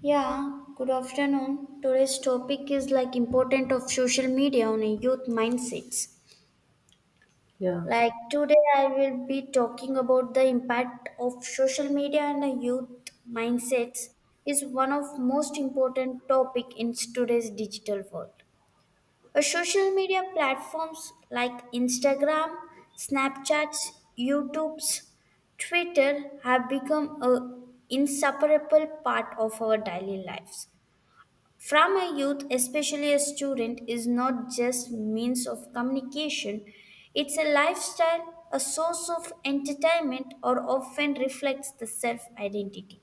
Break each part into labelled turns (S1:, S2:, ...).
S1: Yeah, good afternoon. Today's topic is like important of social media on a youth mindsets.
S2: Yeah,
S1: Like today I will be talking about the impact of social media on a youth mindsets is one of most important topic in today's digital world. A social media platforms like Instagram, Snapchats, YouTubes, Twitter have become a inseparable part of our daily lives. From a youth, especially a student, is not just means of communication. It's a lifestyle, a source of entertainment, or often reflects the self-identity.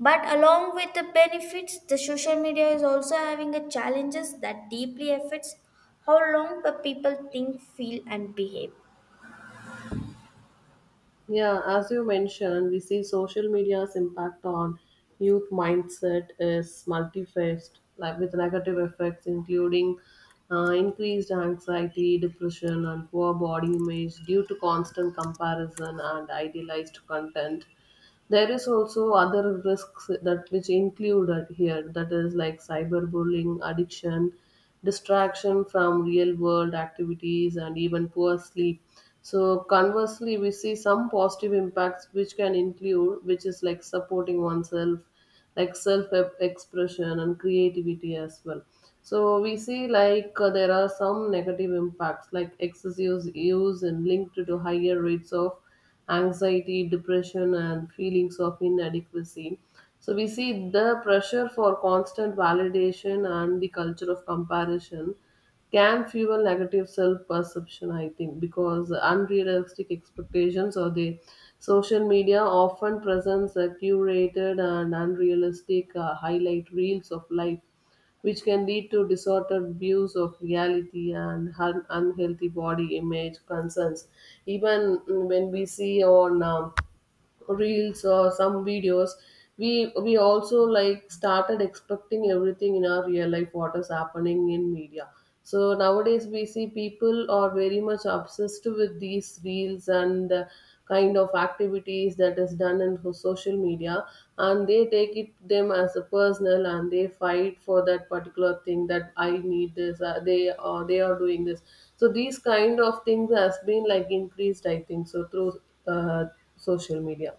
S1: But along with the benefits, the social media is also having a challenges that deeply affects how long the people think, feel, and behave.
S2: yeah. As you mentioned, we see social media's impact on youth mindset is multifaced, like with negative effects including increased anxiety, depression, and poor body image due to constant comparison and idealized content. There is also other risks that which included here that is like cyberbullying, addiction, distraction from real world activities and even poor sleep. So conversely we see some positive impacts which can include which is like supporting oneself like self expression and creativity as well. So we see like there are some negative impacts like excessive use and linked to higher rates of anxiety, depression, and feelings of inadequacy. So we see the pressure for constant validation and the culture of comparison can fuel negative self-perception, I think, because unrealistic expectations or the social media often presents a curated and unrealistic highlight reels of life which can lead to distorted views of reality and unhealthy body image concerns. Even when we see on reels or some videos we also like started expecting everything in our real life what is happening in media. So nowadays we see people are very much obsessed with these reels and the kind of activities that is done in social media, and they take it them as a personal and they fight for that particular thing that I need this, they are doing this. So these kind of things has been like increased I think so through uh, social media.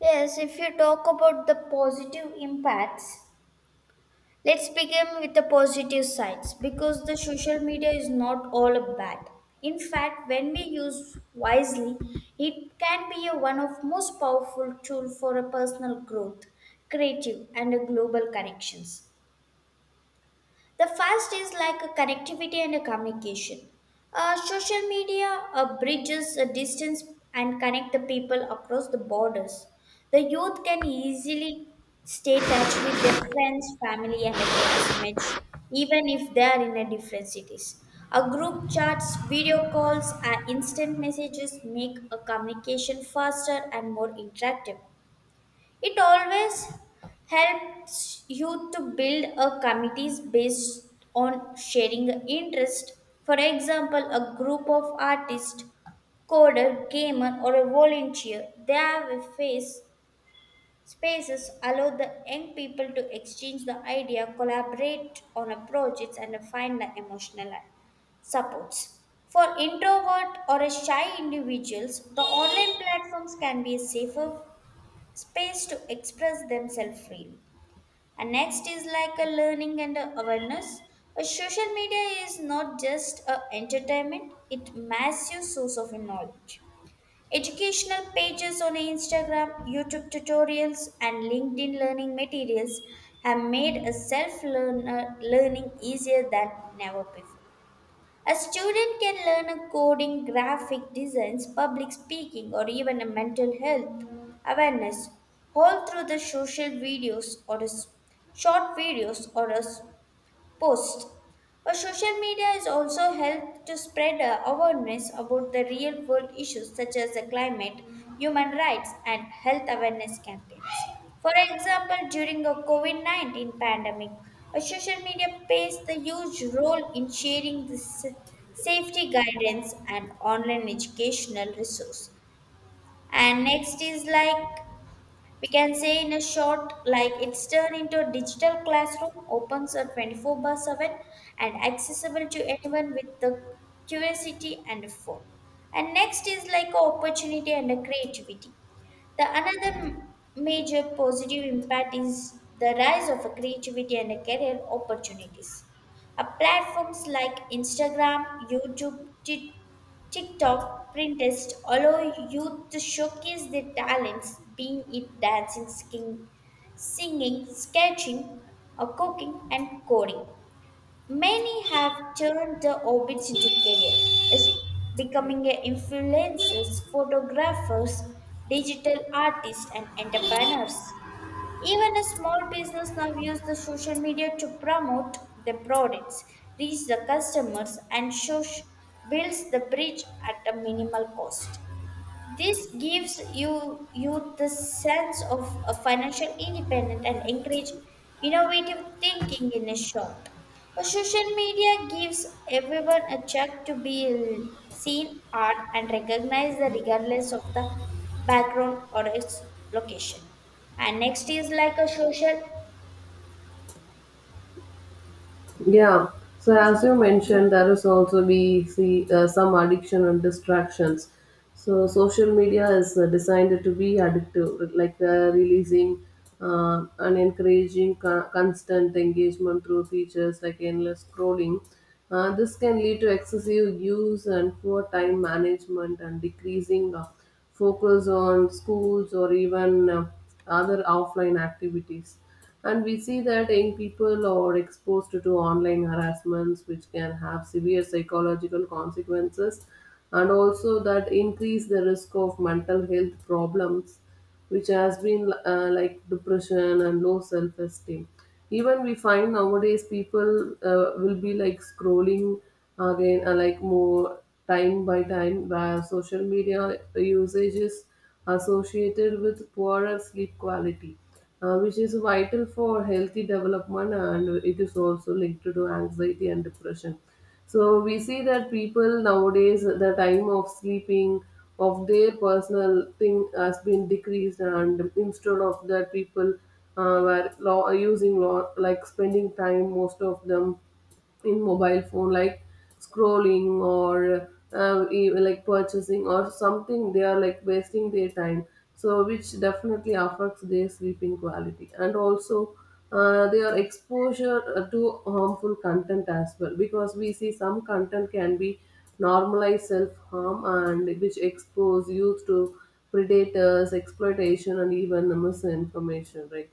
S1: Yes, if you talk about the positive impacts, let's begin with the positive sides because the social media is not all bad. In fact, when we use wisely, it can be a one of most powerful tool for a personal growth, creative and a global connections. The first is like a connectivity and a communication. Social media bridges a distance and connect the people across the borders. The youth can easily stay touch with their friends, family, and their classmates, even if they are in a different cities. A group chats, video calls, and instant messages make a communication faster and more interactive. It always helps you to build a committees based on sharing interest. For example, a group of artists, coder, gamer, or a volunteer, they have a face spaces allow the young people to exchange the idea, collaborate on a projects, and find the emotional supports. For introvert or a shy individuals, the online platforms can be a safer space to express themselves freely. And next is like a learning and a awareness. A social media is not just a entertainment, it massive source of knowledge. Educational pages on Instagram, YouTube tutorials, and LinkedIn learning materials have made a self-learner learning easier than never before. A student can learn a coding, graphic designs, public speaking, or even a mental health awareness all through the social videos or short videos or post. A social media has also helped to spread awareness about the real world issues such as the climate, human rights, and health awareness campaigns. For example, during the COVID COVID-19 pandemic, a social media plays the huge role in sharing the safety guidance and online educational resource. And next is like we can say in a short, like it's turned into a digital classroom, opens a 24 by 7 and accessible to anyone with the curiosity and a phone. And next is like a opportunity and a creativity. The another major positive impact is the rise of a creativity and a career opportunities. A platforms like Instagram, YouTube, TikTok Pinterest allow youth to showcase their talents, being it dancing, skin, singing, sketching, cooking, and coding. Many have turned their hobbies into career, as becoming a influencers, photographers, digital artists, and entrepreneurs. Even a small business now use the social media to promote their products, reach the customers, and show, builds the bridge at a minimal cost. This gives you youth the sense of a financial independence and encourage innovative thinking in a short. A social media gives everyone a check to be seen, art, and recognized regardless of the background or its location. And next is like a social,
S2: Yeah. So as you
S1: social
S2: mentioned, there is also we see some addiction and distractions. So social media is designed to be addictive, like the releasing and encouraging constant engagement through features like endless scrolling. This can lead to excessive use and poor time management and decreasing focus on schools or even other offline activities. And we see that young people are exposed to online harassments, which can have severe psychological consequences, and also that increase the risk of mental health problems, which has been like depression and low self esteem. Even we find nowadays people will be like scrolling again, like more time by time, where social media usage is associated with poorer sleep quality which is vital for healthy development and it is also linked to anxiety and depression. So we see that people nowadays the time of sleeping of their personal thing has been decreased and instead of that people were law, using law, like spending time most of them in mobile phone like scrolling or like purchasing or something they are like wasting their time. So which definitely affects their sleeping quality and also their exposure to harmful content as well, because we see some content can be normalized self-harm and which expose youth to predators exploitation and even misinformation, right?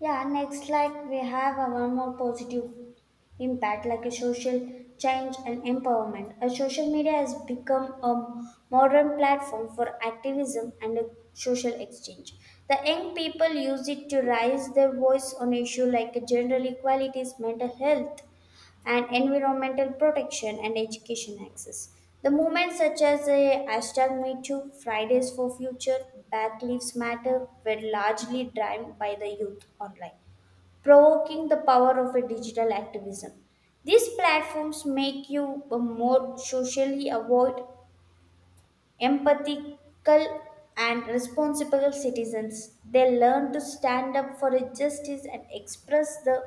S1: Yeah, next, like we have a one more positive impact, like a social change and empowerment. A social media has become a modern platform for activism and a social exchange. The young people use it to raise their voice on issues like gender equalities, mental health, and environmental protection and education access. The movements such as a hashtag Me Too, Fridays for Future, Black Lives Matter were largely driven by the youth online, provoking the power of a digital activism. These platforms make you more socially aware, empathical, and responsible citizens. They learn to stand up for justice and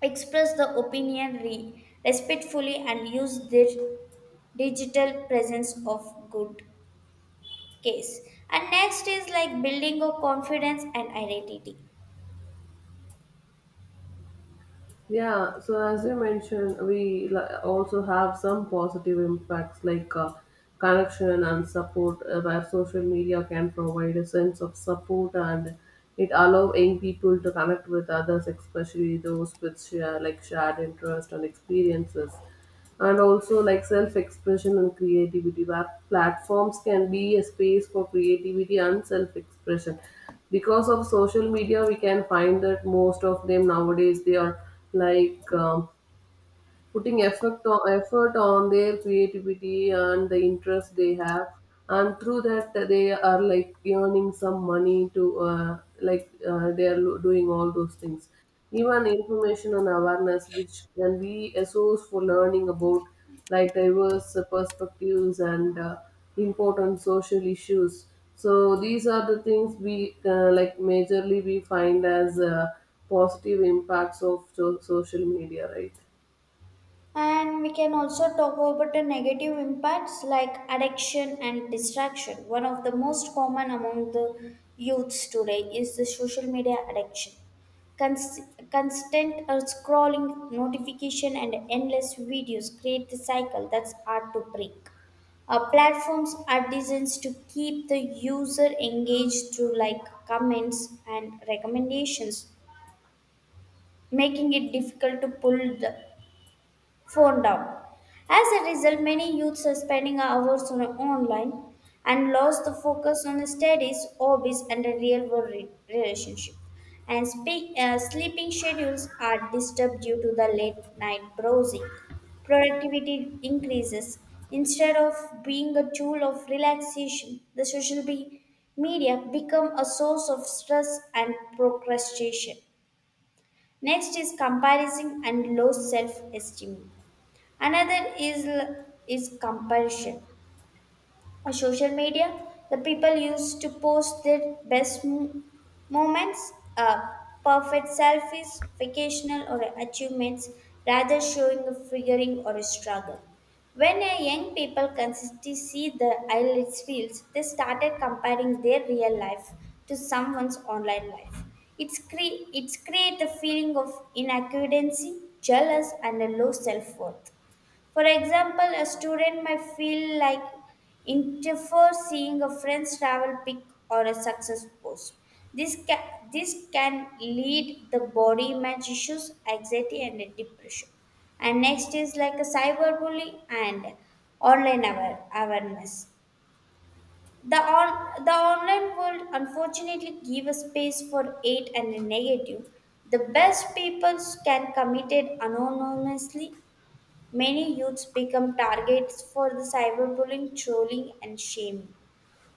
S1: express the opinion respectfully and use their digital presence of good case, and next is like building a confidence and identity.
S2: Yeah, so as you mentioned, we also have some positive impacts like connection and support, where social media can provide a sense of support and it allow young people to connect with others, especially those with share like shared interest and experiences, and also like self-expression and creativity. Where platforms can be a space for creativity and self-expression, because of social media we can find that most of them nowadays they are like putting effect on, effort on their creativity and the interest they have, and through that they are like earning some money to like they are doing all those things. Even information and awareness which can be a source for learning about like diverse perspectives and important social issues. So these are the things we like majorly we find as positive impacts of social media, right?
S1: And we can also talk about the negative impacts like addiction and distraction. One of the most common among the youths today is the social media addiction. Const- Constant scrolling, notification, and endless videos create the cycle that's hard to break. Our platforms are designed to keep the user engaged through like comments and recommendations, making it difficult to pull the phone down. As a result, many youths are spending hours on online and lost the focus on studies, hobbies, and a real world relationship. And speak, sleeping schedules are disturbed due to the late night browsing. Productivity increases. Instead of being a tool of relaxation, the media become a source of stress and procrastination. Next is comparison and low self-esteem. Another is compulsion. On social media, the people used to post their best moments, perfect selfies, vocational or achievements, rather showing a figuring or a struggle. When a young people consistently see the highlights reels, they started comparing their real life to someone's online life. It's create a feeling of inadequacy, jealous, and a low self worth. For example, a student might feel like interfer seeing a friend's travel pic or a success post. This can, this can lead the body image issues, anxiety and depression. And next is like a cyberbullying and online awareness. The on the online world unfortunately give a space for hate and negative. The best people can commit it anonymously. Many youths become targets for the cyberbullying, trolling, and shaming.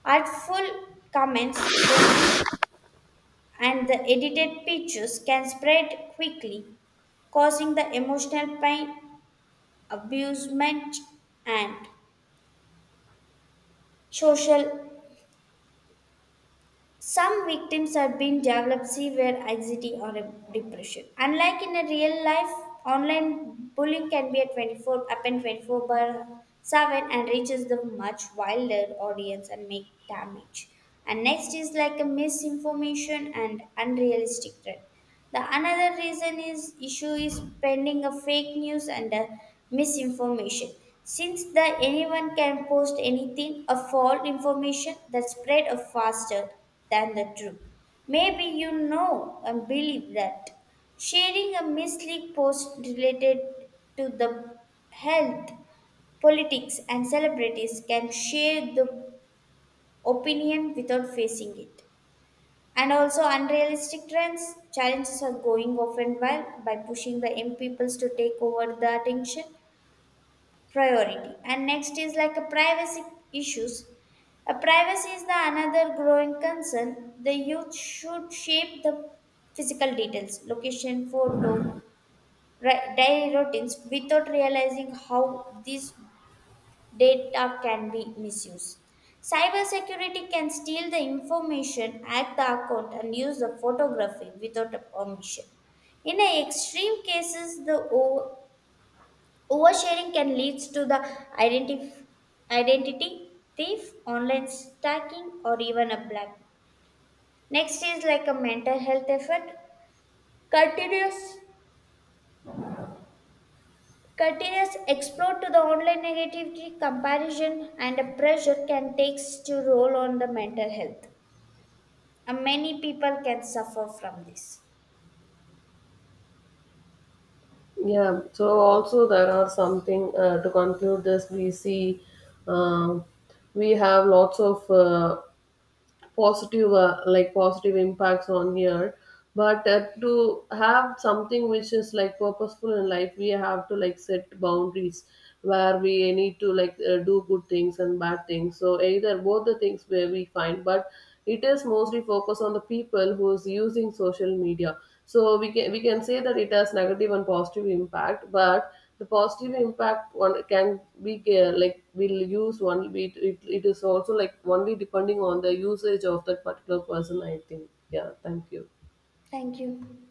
S1: Artful comments and the edited pictures can spread quickly, causing the emotional pain, abusement, and social. Some victims have been developed severe anxiety or a depression. Unlike in a real life, online bullying can be happen 24 by 7 and reaches the much wilder audience and make damage. And next is like a misinformation and unrealistic threat. The another reason is issue is spreading of fake news and misinformation. Since the anyone can post anything, a false information that spread faster than the truth. Maybe you know and believe that sharing a misleading post related to the health, politics, and celebrities can share the opinion without facing it. And also unrealistic trends challenges are going often well by pushing the young peoples to take over the attention priority. And next is like a privacy issues. A privacy is the another growing concern. The youth should shape the physical details, location, photo, daily routines without realizing how these data can be misused. Cybersecurity can steal the information, hack the account, and use the photography without a permission. In a extreme cases, the oversharing can lead to the identif- identity thief, online stalking, or even a black. Next is like a mental health effort. Continuous Continuous explore to the online negativity, comparison, and a pressure can take to role on the mental health. Many people can suffer from this.
S2: Yeah, so also there are something to conclude this. We see uh, we have lots of positive like positive impacts on here, but to have something which is like purposeful in life we have to like set boundaries where we need to like do good things and bad things so either both the things where we find, but it is mostly focused on the people who's using social media. So we can say that it has negative and positive impact, but the positive impact one can be like will use one it, it is also like only depending on the usage of that particular person, I think. Yeah, thank you.
S1: Thank you.